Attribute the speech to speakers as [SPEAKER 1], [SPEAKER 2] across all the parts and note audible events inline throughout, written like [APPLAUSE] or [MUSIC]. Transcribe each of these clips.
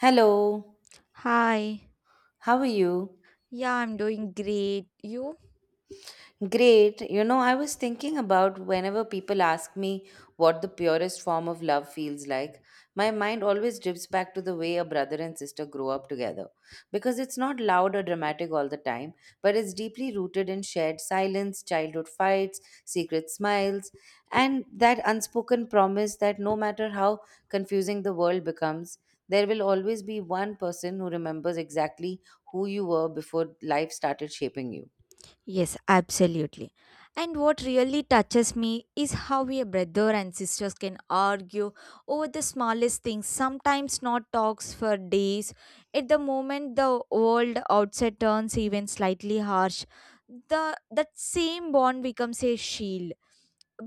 [SPEAKER 1] Hello,
[SPEAKER 2] Hi.
[SPEAKER 1] how are you?
[SPEAKER 2] Yeah, I'm doing great. You?
[SPEAKER 1] Great. You know, I was thinking about whenever people ask me what the purest form of love feels like, my mind always drifts back to the way a brother and sister grow up together. Because it's not loud or dramatic all the time, but it's deeply rooted in shared silence, childhood fights, secret smiles, and that unspoken promise that no matter how confusing the world becomes, there will always be one person who remembers exactly who you were before life started shaping you.
[SPEAKER 2] Yes, absolutely. And what really touches me is how we, a brother and sisters can argue over the smallest things, sometimes not talks for days. At the moment the world outside turns even slightly harsh, the that same bond becomes a shield,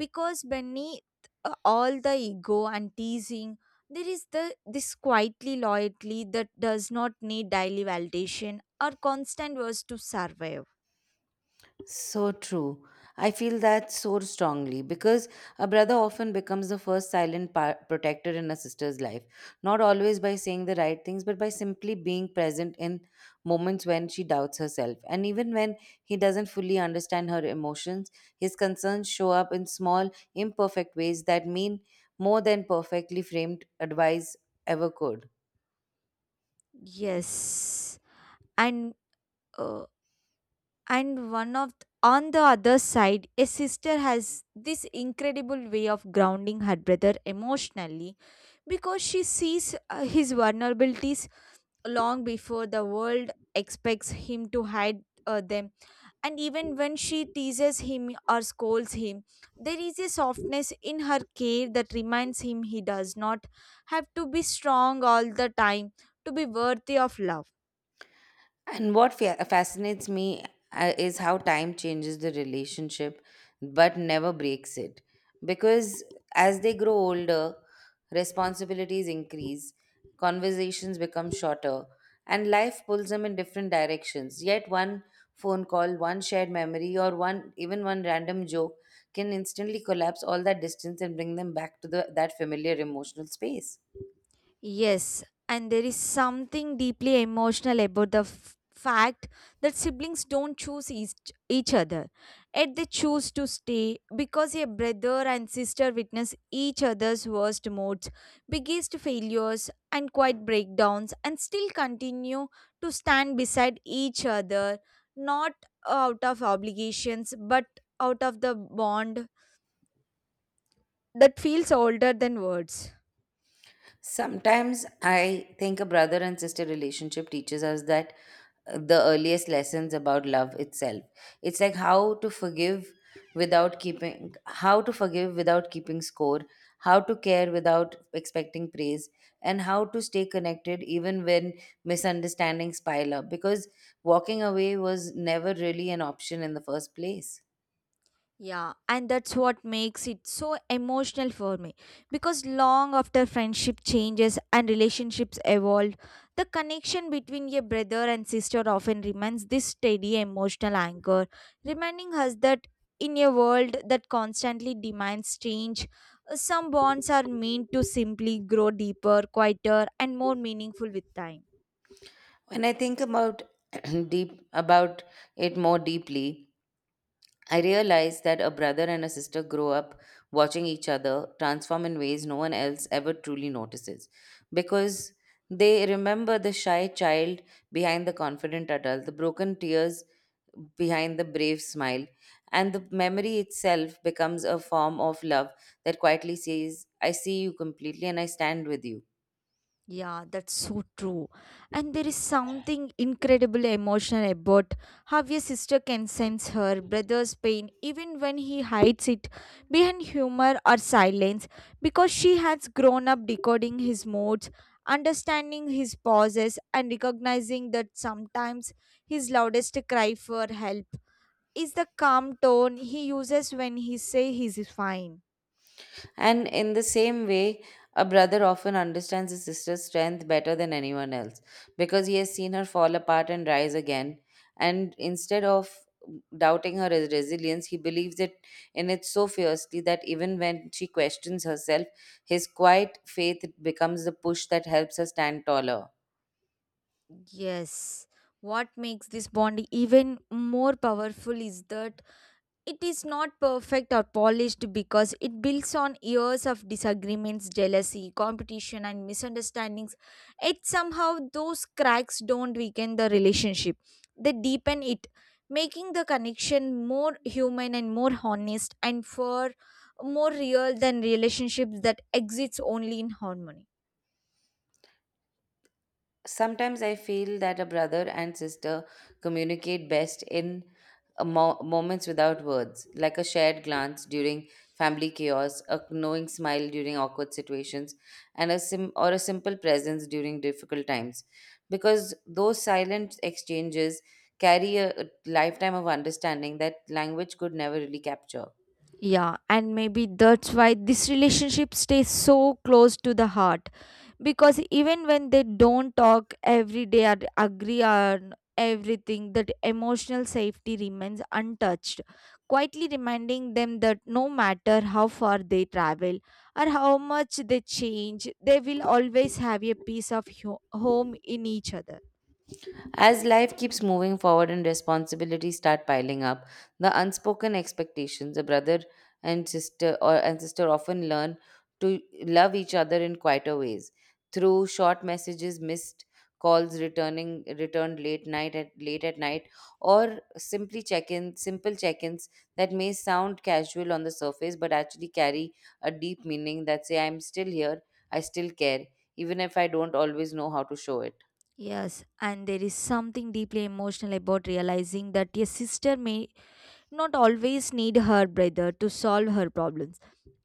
[SPEAKER 2] because beneath all the ego and teasing there is the this quietly loyalty that does not need daily validation or constant words to survive.
[SPEAKER 1] So true. I feel that so strongly because a brother often becomes the first silent protector in a sister's life, not always by saying the right things, but by simply being present in moments when she doubts herself. And even when he doesn't fully understand her emotions, his concerns show up in small, imperfect ways that mean more than perfectly framed advice ever could.
[SPEAKER 2] Yes, and uh, on the other side, a sister has this incredible way of grounding her brother emotionally because she sees his vulnerabilities long before the world expects him to hide them. And even when she teases him or scolds him, there is a softness in her care that reminds him he does not have to be strong all the time to be worthy of love.
[SPEAKER 1] And what fascinates me is how time changes the relationship but never breaks it. Because as they grow older, responsibilities increase, conversations become shorter, and life pulls them in different directions. Yet, one phone call, one shared memory, or one even one random joke can instantly collapse all that distance and bring them back to that familiar emotional space.
[SPEAKER 2] Yes, and there is something deeply emotional about the fact that siblings don't choose each other. Yet they choose to stay because a brother and sister witness each other's worst moods, biggest failures, and quiet breakdowns, and still continue to stand beside each other, not out of obligations but out of the bond that feels older than words.
[SPEAKER 1] Sometimes I think a brother and sister relationship teaches us that the earliest lessons about love itself. It's like how to forgive without keeping how to forgive without keeping score, how to care without expecting praise, and how to stay connected even when misunderstandings pile up, because walking away was never really an option in the first place.
[SPEAKER 2] Yeah, and that's what makes it so emotional for me. Because long after friendship changes and relationships evolve, the connection between a brother and sister often remains this steady emotional anchor, reminding us that in a world that constantly demands change, some bonds are meant to simply grow deeper, quieter, and more meaningful with time.
[SPEAKER 1] When I think about [CLEARS THROAT] deep about it more deeply, I realized that a brother and a sister grow up watching each other transform in ways no one else ever truly notices, because they remember the shy child behind the confident adult, the broken tears behind the brave smile, and the memory itself becomes a form of love that quietly says, "I see you completely, and I stand with you."
[SPEAKER 2] Yeah, that's so true. And there is something incredibly emotional about how your sister can sense her brother's pain even when he hides it behind humor or silence because she has grown up decoding his moods, understanding his pauses, and recognizing that sometimes his loudest cry for help is the calm tone he uses when he says he's fine.
[SPEAKER 1] And in the same way, a brother often understands his sister's strength better than anyone else, because he has seen her fall apart and rise again. And instead of doubting her resilience, he believes it in it so fiercely that even when she questions herself, his quiet faith becomes the push that helps her stand taller.
[SPEAKER 2] Yes. What makes this bond even more powerful is that it is not perfect or polished because it builds on years of disagreements, jealousy, competition, and misunderstandings. It somehow those cracks don't weaken the relationship, they deepen it, making the connection more human and more honest and for more real than relationships that exists only in harmony.
[SPEAKER 1] Sometimes I feel that a brother and sister communicate best in moments without words, like a shared glance during family chaos, a knowing smile during awkward situations, and a simple presence during difficult times. Because those silent exchanges carry a lifetime of understanding that language could never really capture.
[SPEAKER 2] Yeah, and maybe that's why this relationship stays so close to the heart because even when they don't talk every day or agree on everything, that emotional safety remains untouched, quietly reminding them that no matter how far they travel or how much they change, they will always have a piece of home in each other.
[SPEAKER 1] As life keeps moving forward and responsibilities start piling up, the unspoken expectations a brother and sister often learn to love each other in quieter ways, through short messages, missed calls, returning returned late at night, or simply check-in simple check-ins that may sound casual on the surface but actually carry a deep meaning that say, "I'm still here, I still care, even if I don't always know how to show it."
[SPEAKER 2] Yes, and there is something deeply emotional about realizing that your sister may not always need her brother to solve her problems,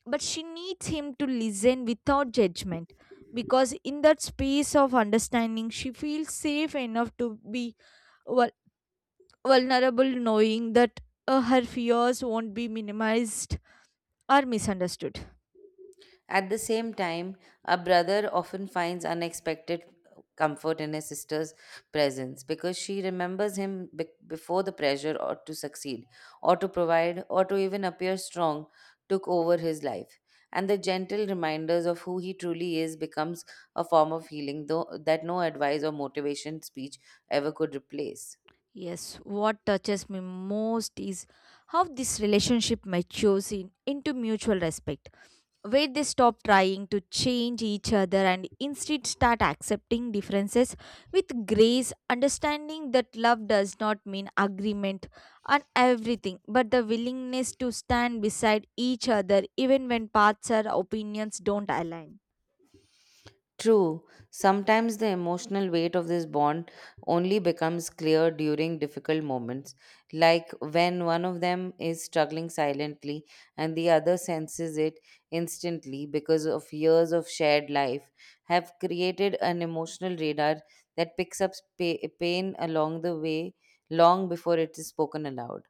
[SPEAKER 2] but she needs him to listen without judgment because in that space of understanding, she feels safe enough to be vul- vulnerable, knowing that her fears won't be minimized or misunderstood.
[SPEAKER 1] At the same time, a brother often finds unexpected comfort in his sister's presence because she remembers him before the pressure or to succeed or to provide or to even appear strong took over his life, and the gentle reminders of who he truly is becomes a form of healing though that no advice or motivation speech ever could replace.
[SPEAKER 2] Yes, what touches me most is how this relationship matures in, into mutual respect where they stop trying to change each other and instead start accepting differences with grace, understanding that love does not mean agreement on everything, but the willingness to stand beside each other even when paths or opinions don't align.
[SPEAKER 1] True. Sometimes the emotional weight of this bond only becomes clear during difficult moments, like when one of them is struggling silently and the other senses it instantly, because of years of shared life have created an emotional radar that picks up pain along the way long before it is spoken aloud.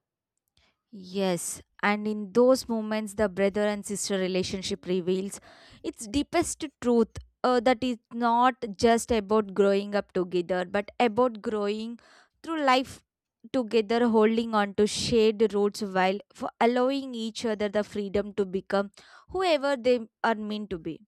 [SPEAKER 2] Yes, and in those moments, the brother and sister relationship reveals its deepest truth, that it's not just about growing up together, but about growing through life together, holding on to shared roots while for allowing each other the freedom to become whoever they are meant to be.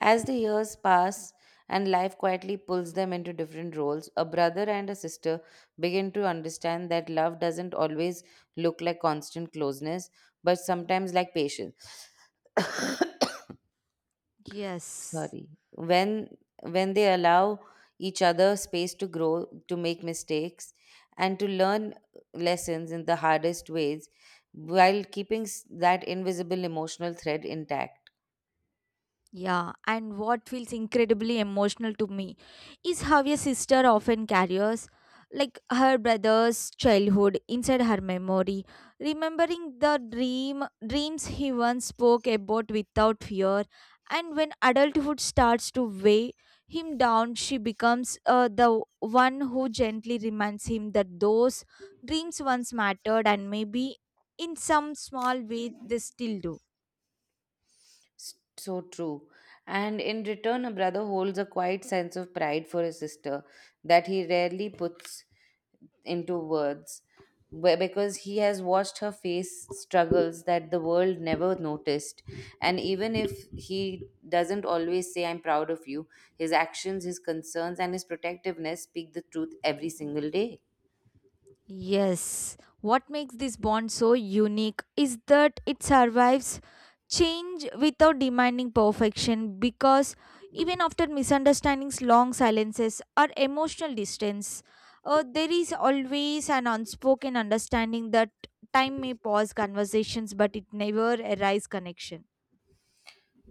[SPEAKER 1] As the years pass and life quietly pulls them into different roles, a brother and a sister begin to understand that love doesn't always look like constant closeness, but sometimes like patience.
[SPEAKER 2] Yes.
[SPEAKER 1] Sorry. When they allow each other space to grow, to make mistakes, and to learn lessons in the hardest ways, while keeping that invisible emotional thread intact.
[SPEAKER 2] Yeah, and what feels incredibly emotional to me is how a sister often carries like her brother's childhood inside her memory, remembering the dreams he once spoke about without fear. And when adulthood starts to weigh him down, she becomes the one who gently reminds him that those dreams once mattered and maybe in some small way they still do.
[SPEAKER 1] So true. And in return, a brother holds a quiet sense of pride for his sister that he rarely puts into words, because he has watched her face struggles that the world never noticed. And even if he doesn't always say, "I'm proud of you," his actions, his concerns, and his protectiveness speak the truth every single day.
[SPEAKER 2] Yes, what makes this bond so unique is that it survives change without demanding perfection because even after misunderstandings, long silences, or emotional distance, there is always an unspoken understanding that time may pause conversations but it never arrives connection.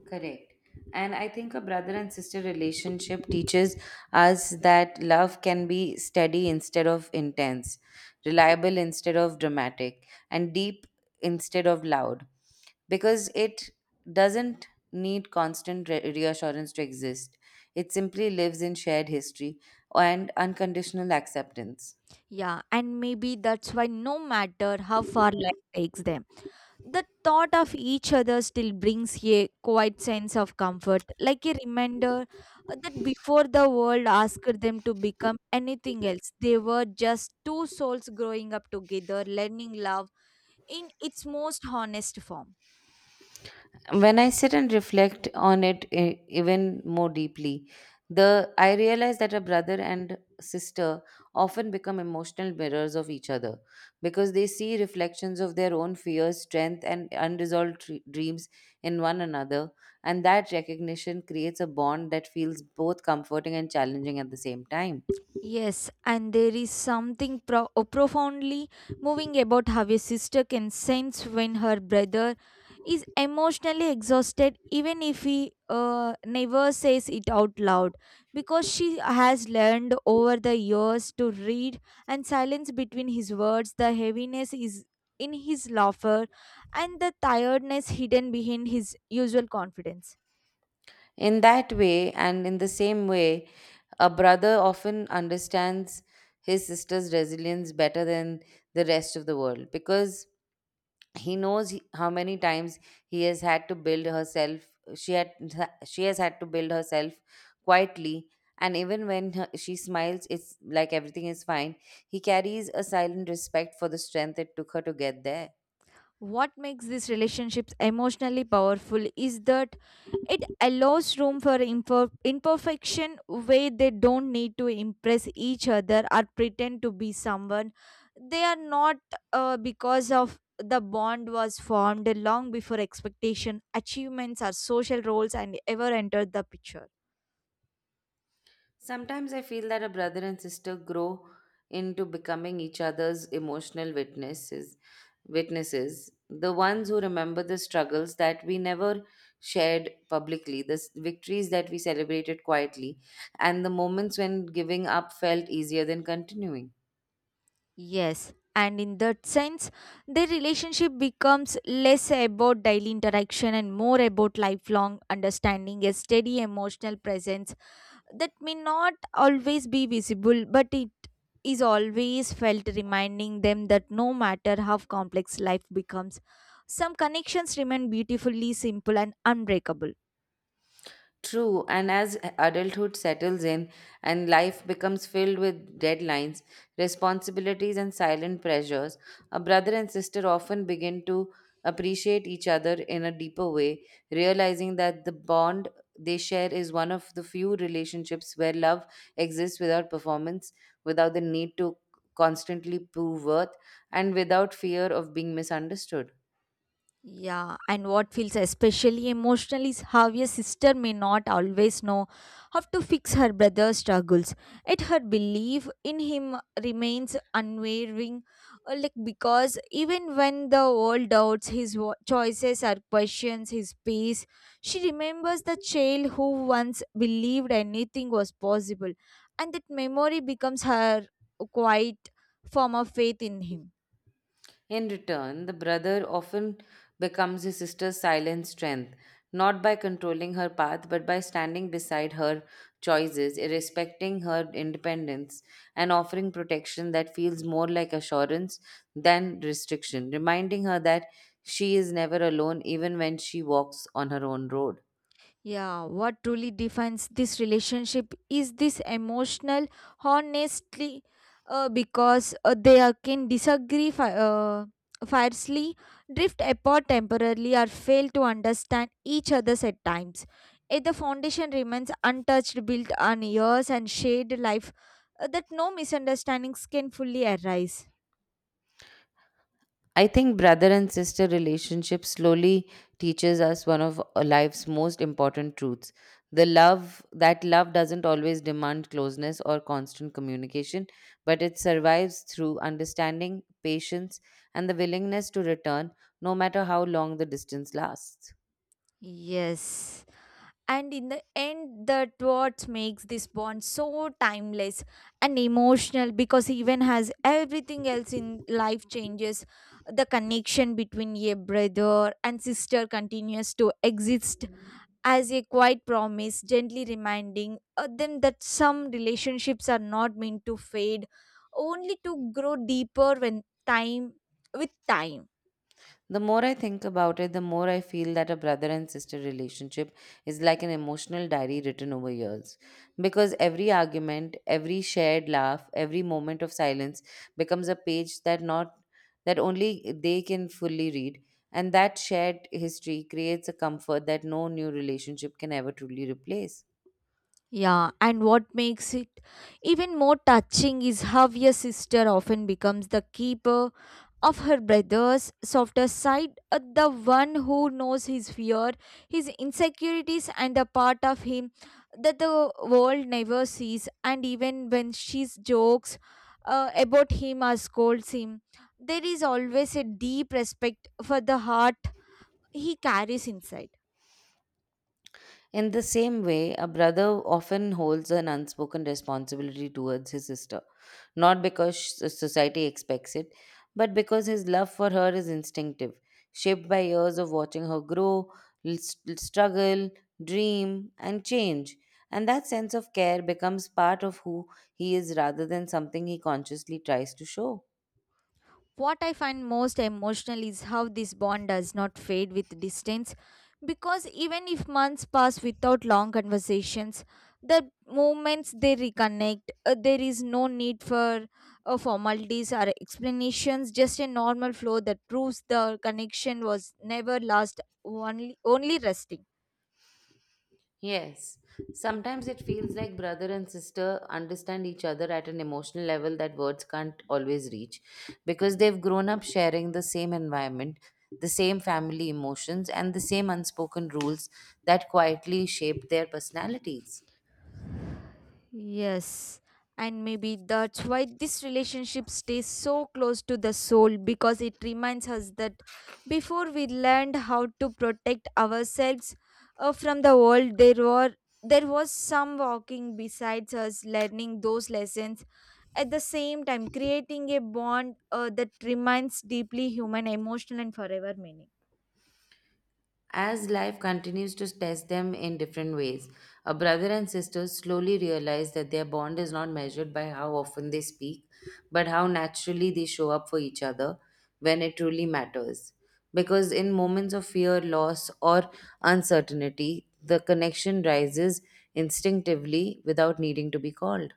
[SPEAKER 1] Correct. And I think a brother and sister relationship teaches us that love can be steady instead of intense, reliable instead of dramatic, and deep instead of loud. Because it doesn't need constant reassurance to exist, it simply lives in shared history and unconditional acceptance.
[SPEAKER 2] Yeah, and maybe that's why no matter how far life takes them, the thought of each other still brings a quiet sense of comfort, like a reminder that before the world asked them to become anything else, they were just two souls growing up together, learning love in its most honest form.
[SPEAKER 1] When I sit and reflect on it even more deeply, the I realize that a brother and sister often become emotional mirrors of each other, because they see reflections of their own fears, strength, and unresolved dreams in one another, and that recognition creates a bond that feels both comforting and challenging at the same time.
[SPEAKER 2] Yes, and there is something profoundly moving about how a sister can sense when her brother is emotionally exhausted, even if he never says it out loud, because she has learned over the years to read and silence between his words. The heaviness is in his laughter, and the tiredness hidden behind his usual confidence.
[SPEAKER 1] In that way, and in the same way, a brother often understands his sister's resilience better than the rest of the world, because he knows how many times he has had to build herself she had she has had to build herself quietly. And even when she smiles it's like everything is fine, he carries a silent respect for the strength it took her to get there.
[SPEAKER 2] What makes these relationships emotionally powerful is that it allows room for imperfection where they don't need to impress each other or pretend to be someone. They are not, because of the bond was formed long before expectation, achievements, or social roles and ever entered the picture.
[SPEAKER 1] Sometimes I feel that a brother and sister grow into becoming each other's emotional witnesses. Witnesses, the ones who remember the struggles that we never shared publicly, the victories that we celebrated quietly, and the moments when giving up felt easier than continuing.
[SPEAKER 2] Yes, and in that sense, their relationship becomes less about daily interaction and more about lifelong understanding, a steady emotional presence that may not always be visible, but it is always felt, reminding them that no matter how complex life becomes, some connections remain beautifully simple and unbreakable.
[SPEAKER 1] True. And as adulthood settles in and life becomes filled with deadlines, responsibilities, and silent pressures, a brother and sister often begin to appreciate each other in a deeper way, realizing that the bond they share is one of the few relationships where love exists without performance, without the need to constantly prove worth, and without fear of being misunderstood.
[SPEAKER 2] Yeah, and what feels especially emotional is how a sister may not always know how to fix her brother's struggles, yet her belief in him remains unwavering. Like because even when the world doubts his choices or questions his peace, she remembers the child who once believed anything was possible, and that memory becomes her quiet form of faith in him.
[SPEAKER 1] In return, the brother often becomes his sister's silent strength, not by controlling her path, but by standing beside her choices, respecting her independence, and offering protection that feels more like assurance than restriction, reminding her that she is never alone even when she walks on her own road.
[SPEAKER 2] Yeah, what truly defines this relationship is this emotional honestly, because they are, can disagree fiercely, drift apart temporarily, or fail to understand each other's at times. If the foundation remains untouched, built on years and shared life, that no misunderstandings can fully arise.
[SPEAKER 1] I think brother and sister relationship slowly teaches us one of a life's most important truths. The love that love doesn't always demand closeness or constant communication, but it survives through understanding, patience, and the willingness to return no matter how long the distance lasts.
[SPEAKER 2] Yes, and in the end that what makes this bond so timeless and emotional because even as everything else in life changes the connection between a brother and sister continues to exist as a quiet promise gently reminding them that some relationships are not meant to fade only to grow deeper when time with time.
[SPEAKER 1] The more I think about it, the more I feel that a brother and sister relationship is like an emotional diary written over years.
[SPEAKER 2] Mm.
[SPEAKER 1] Because every argument, every shared laugh, every moment of silence becomes a page that not that only they can fully read, and that shared history creates a comfort that no new relationship can ever truly replace.
[SPEAKER 2] Yeah, and what makes it even more touching is how your sister often becomes the keeper of her brother's softer side, the one who knows his fear, his insecurities, and the part of him that the world never sees. And even when she jokes about him or scolds him, there is always a deep respect for the heart he carries inside.
[SPEAKER 1] In the same way, a brother often holds an unspoken responsibility towards his sister, not because society expects it, but because his love for her is instinctive, shaped by years of watching her grow, struggle, dream, and change. And that sense of care becomes part of who he is rather than something he consciously tries to show.
[SPEAKER 2] What I find most emotional is how this bond does not fade with distance because even if months pass without long conversations, the moments they reconnect, there is no need for formalities or explanations, just a normal flow that proves the connection was never lost, only resting.
[SPEAKER 1] Yes. Sometimes it feels like brother and sister understand each other at an emotional level that words can't always reach, because they've grown up sharing the same environment, the same family emotions, and the same unspoken rules that quietly shape their personalities.
[SPEAKER 2] Yes. And maybe that's why this relationship stays so close to the soul because it reminds us that before we learned how to protect ourselves from the world, there was some walking besides us learning those lessons at the same time creating a bond that remains deeply human emotional and forever meaning.
[SPEAKER 1] As life continues to test them in different ways, a brother and sister slowly realize that their bond is not measured by how often they speak, but how naturally they show up for each other when it truly matters. Because in moments of fear, loss, or uncertainty, the connection rises instinctively without needing to be called.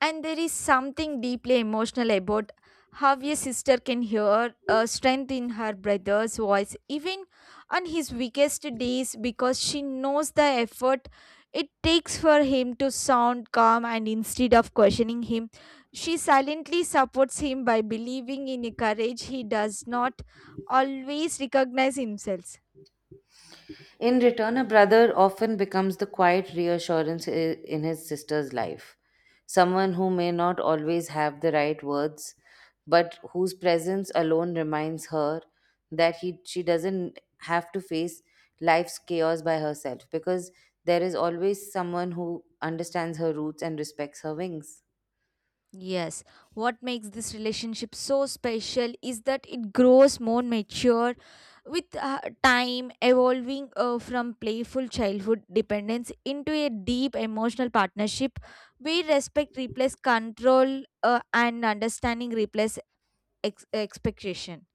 [SPEAKER 2] And there is something deeply emotional about how a sister can hear a strength in her brother's voice, even on his weakest days, because she knows the effort it takes for him to sound calm and instead of questioning him, she silently supports him by believing in a courage he does not always recognize himself.
[SPEAKER 1] In return, a brother often becomes the quiet reassurance in his sister's life. Someone who may not always have the right words, but whose presence alone reminds her that she doesn't have to face life's chaos by herself, because there is always someone who understands her roots and respects her wings.
[SPEAKER 2] Yes, what makes this relationship so special is that it grows more mature with time, evolving from playful childhood dependence into a deep emotional partnership where respect replaces control and understanding replaces expectation.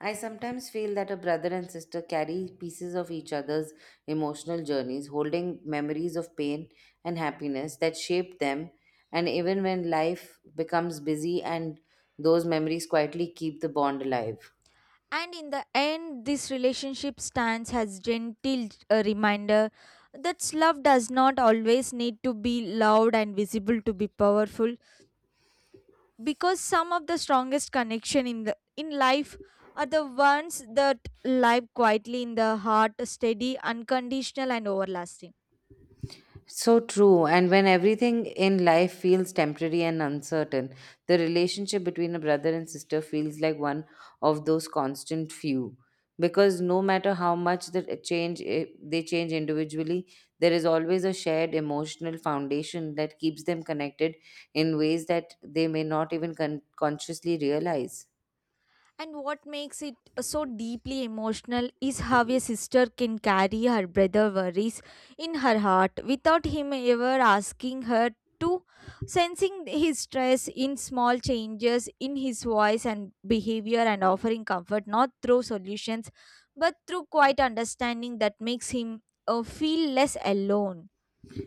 [SPEAKER 1] I sometimes feel that a brother and sister carry pieces of each other's emotional journeys, holding memories of pain and happiness that shaped them. And even when life becomes busy, and those memories quietly keep the bond alive.
[SPEAKER 2] And in the end, this relationship stands as gentle reminder that love does not always need to be loud and visible to be powerful because some of the strongest connection in the in life are the ones that live quietly in the heart steady unconditional and overlasting.
[SPEAKER 1] So true. And when everything in life feels temporary and uncertain, the relationship between a brother and sister feels like one of those constant few. Because no matter how much they change individually, there is always a shared emotional foundation that keeps them connected in ways that they may not even consciously realize.
[SPEAKER 2] And what makes it so deeply emotional is how a sister can carry her brother's worries in her heart without him ever asking her to, sensing his stress in small changes in his voice and behavior, and offering comfort not through solutions but through quiet understanding that makes him feel less alone.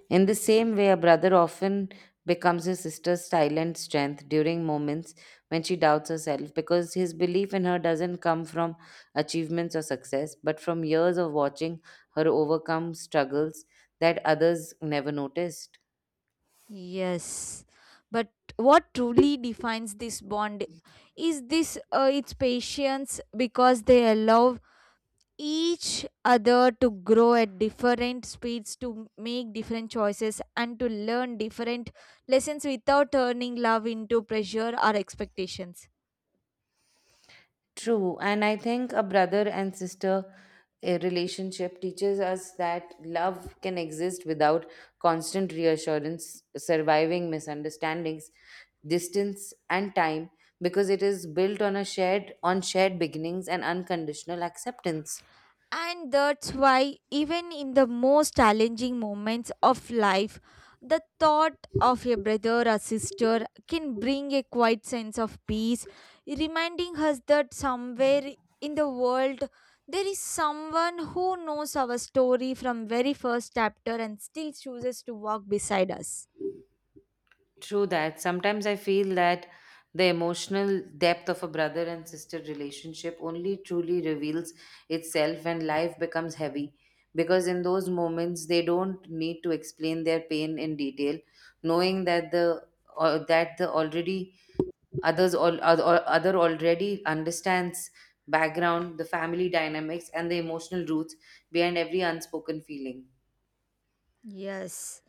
[SPEAKER 1] In the same way, a brother often becomes his sister's silent strength during moments when she doubts herself, because his belief in her doesn't come from achievements or success, but from years of watching her overcome struggles that others never noticed.
[SPEAKER 2] Yes, but what truly defines this bond is this its patience because they allow each other to grow at different speeds, to make different choices, and to learn different lessons without turning love into pressure or expectations.
[SPEAKER 1] True, and I think a brother and sister relationship teaches us that love can exist without constant reassurance, surviving misunderstandings, distance, and time, because it is built on a shared on shared beginnings and unconditional acceptance.
[SPEAKER 2] And that's why, even in the most challenging moments of life, the thought of a brother or sister can bring a quiet sense of peace, reminding us that somewhere in the world there is someone who knows our story from very first chapter and still chooses to walk beside us.
[SPEAKER 1] True that. Sometimes I feel that the emotional depth of a brother and sister relationship only truly reveals itself when life becomes heavy. Because in those moments, they don't need to explain their pain in detail, knowing that the or that the already other already understands background, the family dynamics, and the emotional roots behind every unspoken feeling.
[SPEAKER 2] Yes.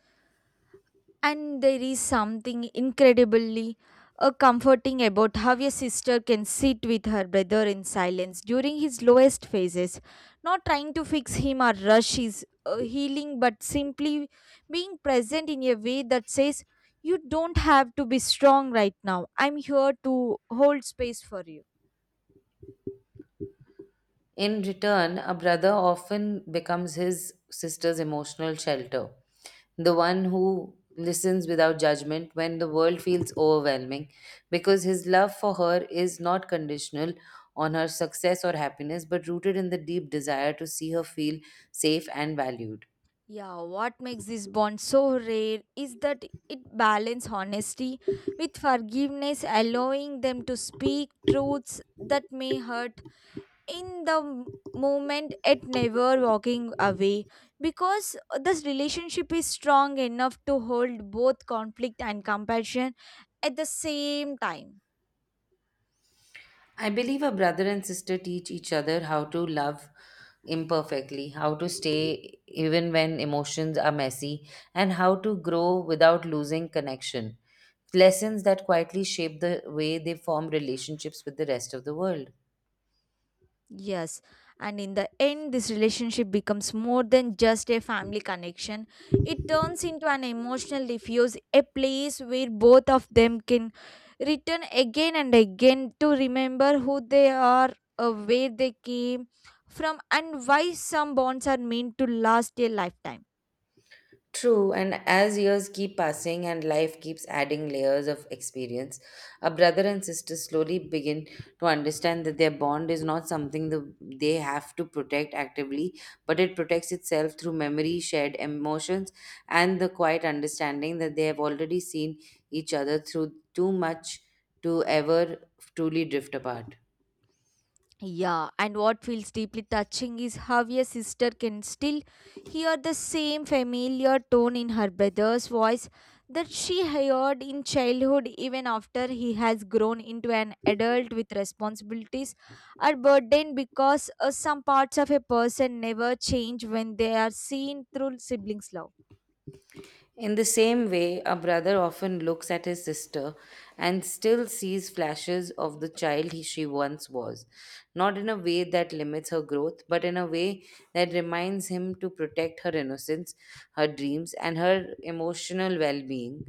[SPEAKER 2] And there is something incredibly comforting about how a sister can sit with her brother in silence during his lowest phases, not trying to fix him or rush his healing, but simply being present in a way that says, "You don't have to be strong right now. I'm here to hold space for you."
[SPEAKER 1] In return, a brother often becomes his sister's emotional shelter, the one who listens without judgment when the world feels overwhelming, because his love for her is not conditional on her success or happiness, but rooted in the deep desire to see her feel safe and valued.
[SPEAKER 2] Yeah, what makes this bond so rare is that it balances honesty with forgiveness, allowing them to speak truths that may hurt in the m- moment yet never walking away because this relationship is strong enough to hold both conflict and compassion at the same time.
[SPEAKER 1] I believe a brother and sister teach each other how to love imperfectly, how to stay even when emotions are messy, and how to grow without losing connection. Lessons that quietly shape the way they form relationships with the rest of the world.
[SPEAKER 2] Yes, and in the end, this relationship becomes more than just a family connection. It turns into an emotional refuge, a place where both of them can return again and again to remember who they are, where they came from, and why some bonds are meant to last a lifetime.
[SPEAKER 1] True, and as years keep passing and life keeps adding layers of experience, a brother and sister slowly begin to understand that their bond is not something they have to protect actively, but it protects itself through memory, shared emotions, and the quiet understanding that they have already seen each other through too much to ever truly drift apart.
[SPEAKER 2] Yeah, and what feels deeply touching is how a sister can still hear the same familiar tone in her brother's voice that she heard in childhood, even after he has grown into an adult with responsibilities or burdened because some parts of a person never change when they are seen through siblings' love.
[SPEAKER 1] In the same way, a brother often looks at his sister and still sees flashes of the child she once was, not in a way that limits her growth, but in a way that reminds him to protect her innocence, her dreams, and her emotional well being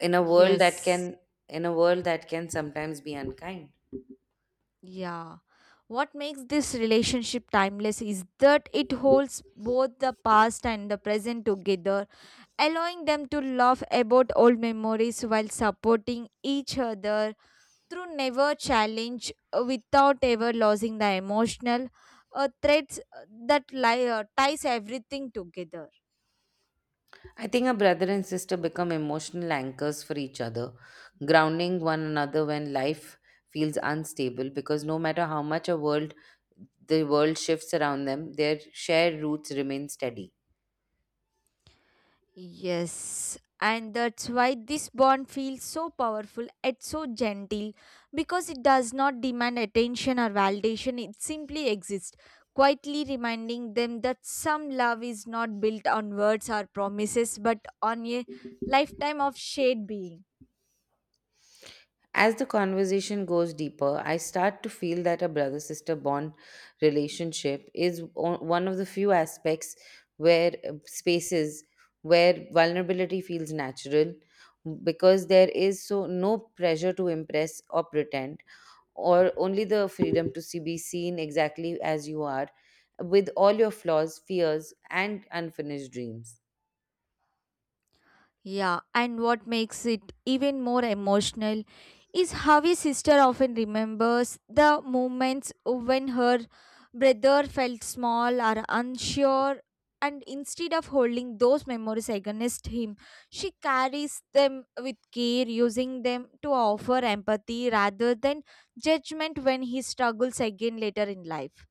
[SPEAKER 1] in a world that
[SPEAKER 2] Yes,
[SPEAKER 1] can in a world that can sometimes be unkind.
[SPEAKER 2] yeah. What makes this relationship timeless is that it holds both the past and the present together, allowing them to laugh about old memories while supporting each other through never challenge without ever losing the emotional threads ties everything together.
[SPEAKER 1] I think a brother and sister become emotional anchors for each other, grounding one another when life feels unstable, because no matter how much a world the world shifts around them, their shared roots remain steady.
[SPEAKER 2] Yes, and that's why this bond feels so powerful and so gentle because it does not demand attention or validation, it simply exists, quietly reminding them that some love is not built on words or promises but on a lifetime of shared being.
[SPEAKER 1] As the conversation goes deeper, I start to feel that a brother sister bond relationship is one of the few aspects where uh, spaces where vulnerability feels natural, because there is so no pressure to impress or pretend, or only the freedom to be seen exactly as you are, with all your flaws, fears, and unfinished dreams.
[SPEAKER 2] Yeah, and what makes it even more emotional is how his sister often remembers the moments when her brother felt small or unsure, and instead of holding those memories against him, she carries them with care, using them to offer empathy rather than judgment when he struggles again later in life.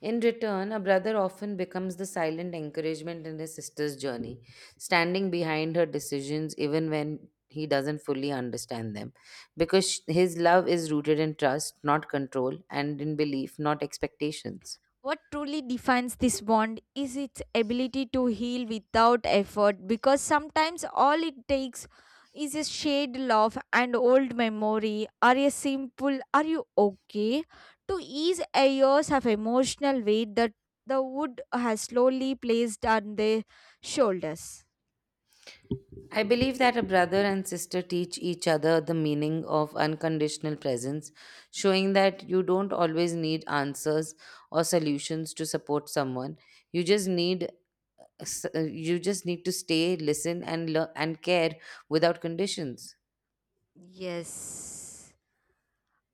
[SPEAKER 1] In return, a brother often becomes the silent encouragement in his sister's journey, standing behind her decisions even when he doesn't fully understand them, because his love is rooted in trust, not control, and in belief, not expectations.
[SPEAKER 2] What truly defines this bond is its ability to heal without effort because sometimes all it takes is a shared laugh and old memory or a simple "are you okay" to ease a years of emotional weight that the wood has slowly placed on their shoulders.
[SPEAKER 1] I believe that a brother and sister teach each other the meaning of unconditional presence, showing that you don't always need answers or solutions to support someone. You just need you just need to stay, listen, and learn and care without conditions.
[SPEAKER 2] Yes.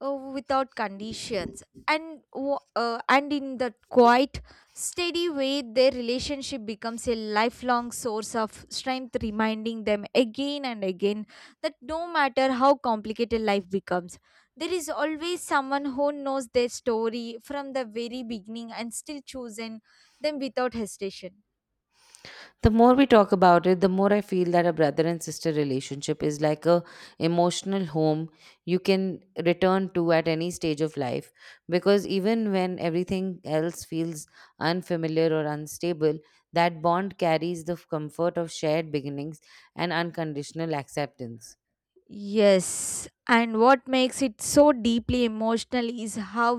[SPEAKER 2] Without conditions, and in that quiet, steady way their relationship becomes a lifelong source of strength, reminding them again and again that no matter how complicated life becomes, there is always someone who knows their story from the very beginning and still choosing them without hesitation.
[SPEAKER 1] The more we talk about it, the more I feel that a brother and sister relationship is like a emotional home you can return to at any stage of life, because even when everything else feels unfamiliar or unstable, that bond carries the comfort of shared beginnings and unconditional acceptance.
[SPEAKER 2] Yes, and what makes it so deeply emotional is how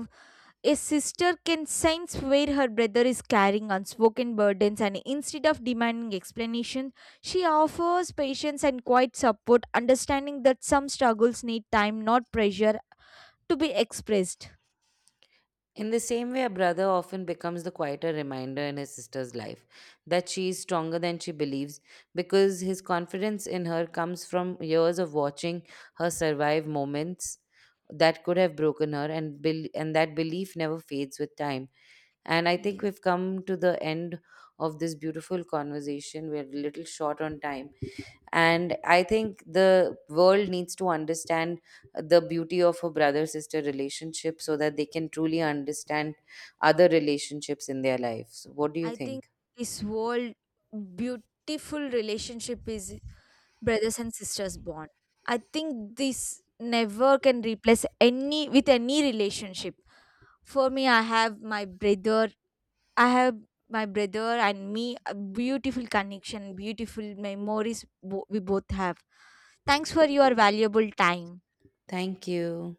[SPEAKER 2] a sister can sense where her brother is carrying unspoken burdens, and instead of demanding explanation, she offers patience and quiet support, understanding that some struggles need time, not pressure, to be expressed.
[SPEAKER 1] In the same way, a brother often becomes the quieter reminder in his sister's life that she is stronger than she believes, because his confidence in her comes from years of watching her survive moments that could have broken her and that belief never fades with time. And I think
[SPEAKER 2] Yes,
[SPEAKER 1] we've come to the end of this beautiful conversation. We're a little short on time, and I think the world needs to understand the beauty of a brother sister relationship so that they can truly understand other relationships in their lives. What do you
[SPEAKER 2] I think
[SPEAKER 1] think?
[SPEAKER 2] this whole beautiful relationship is brothers and sisters bond. I think this never can replace any with any relationship. For me, I have my brother. I have my brother and me a beautiful connection, beautiful memories we both have. Thanks for your valuable time.
[SPEAKER 1] Thank you.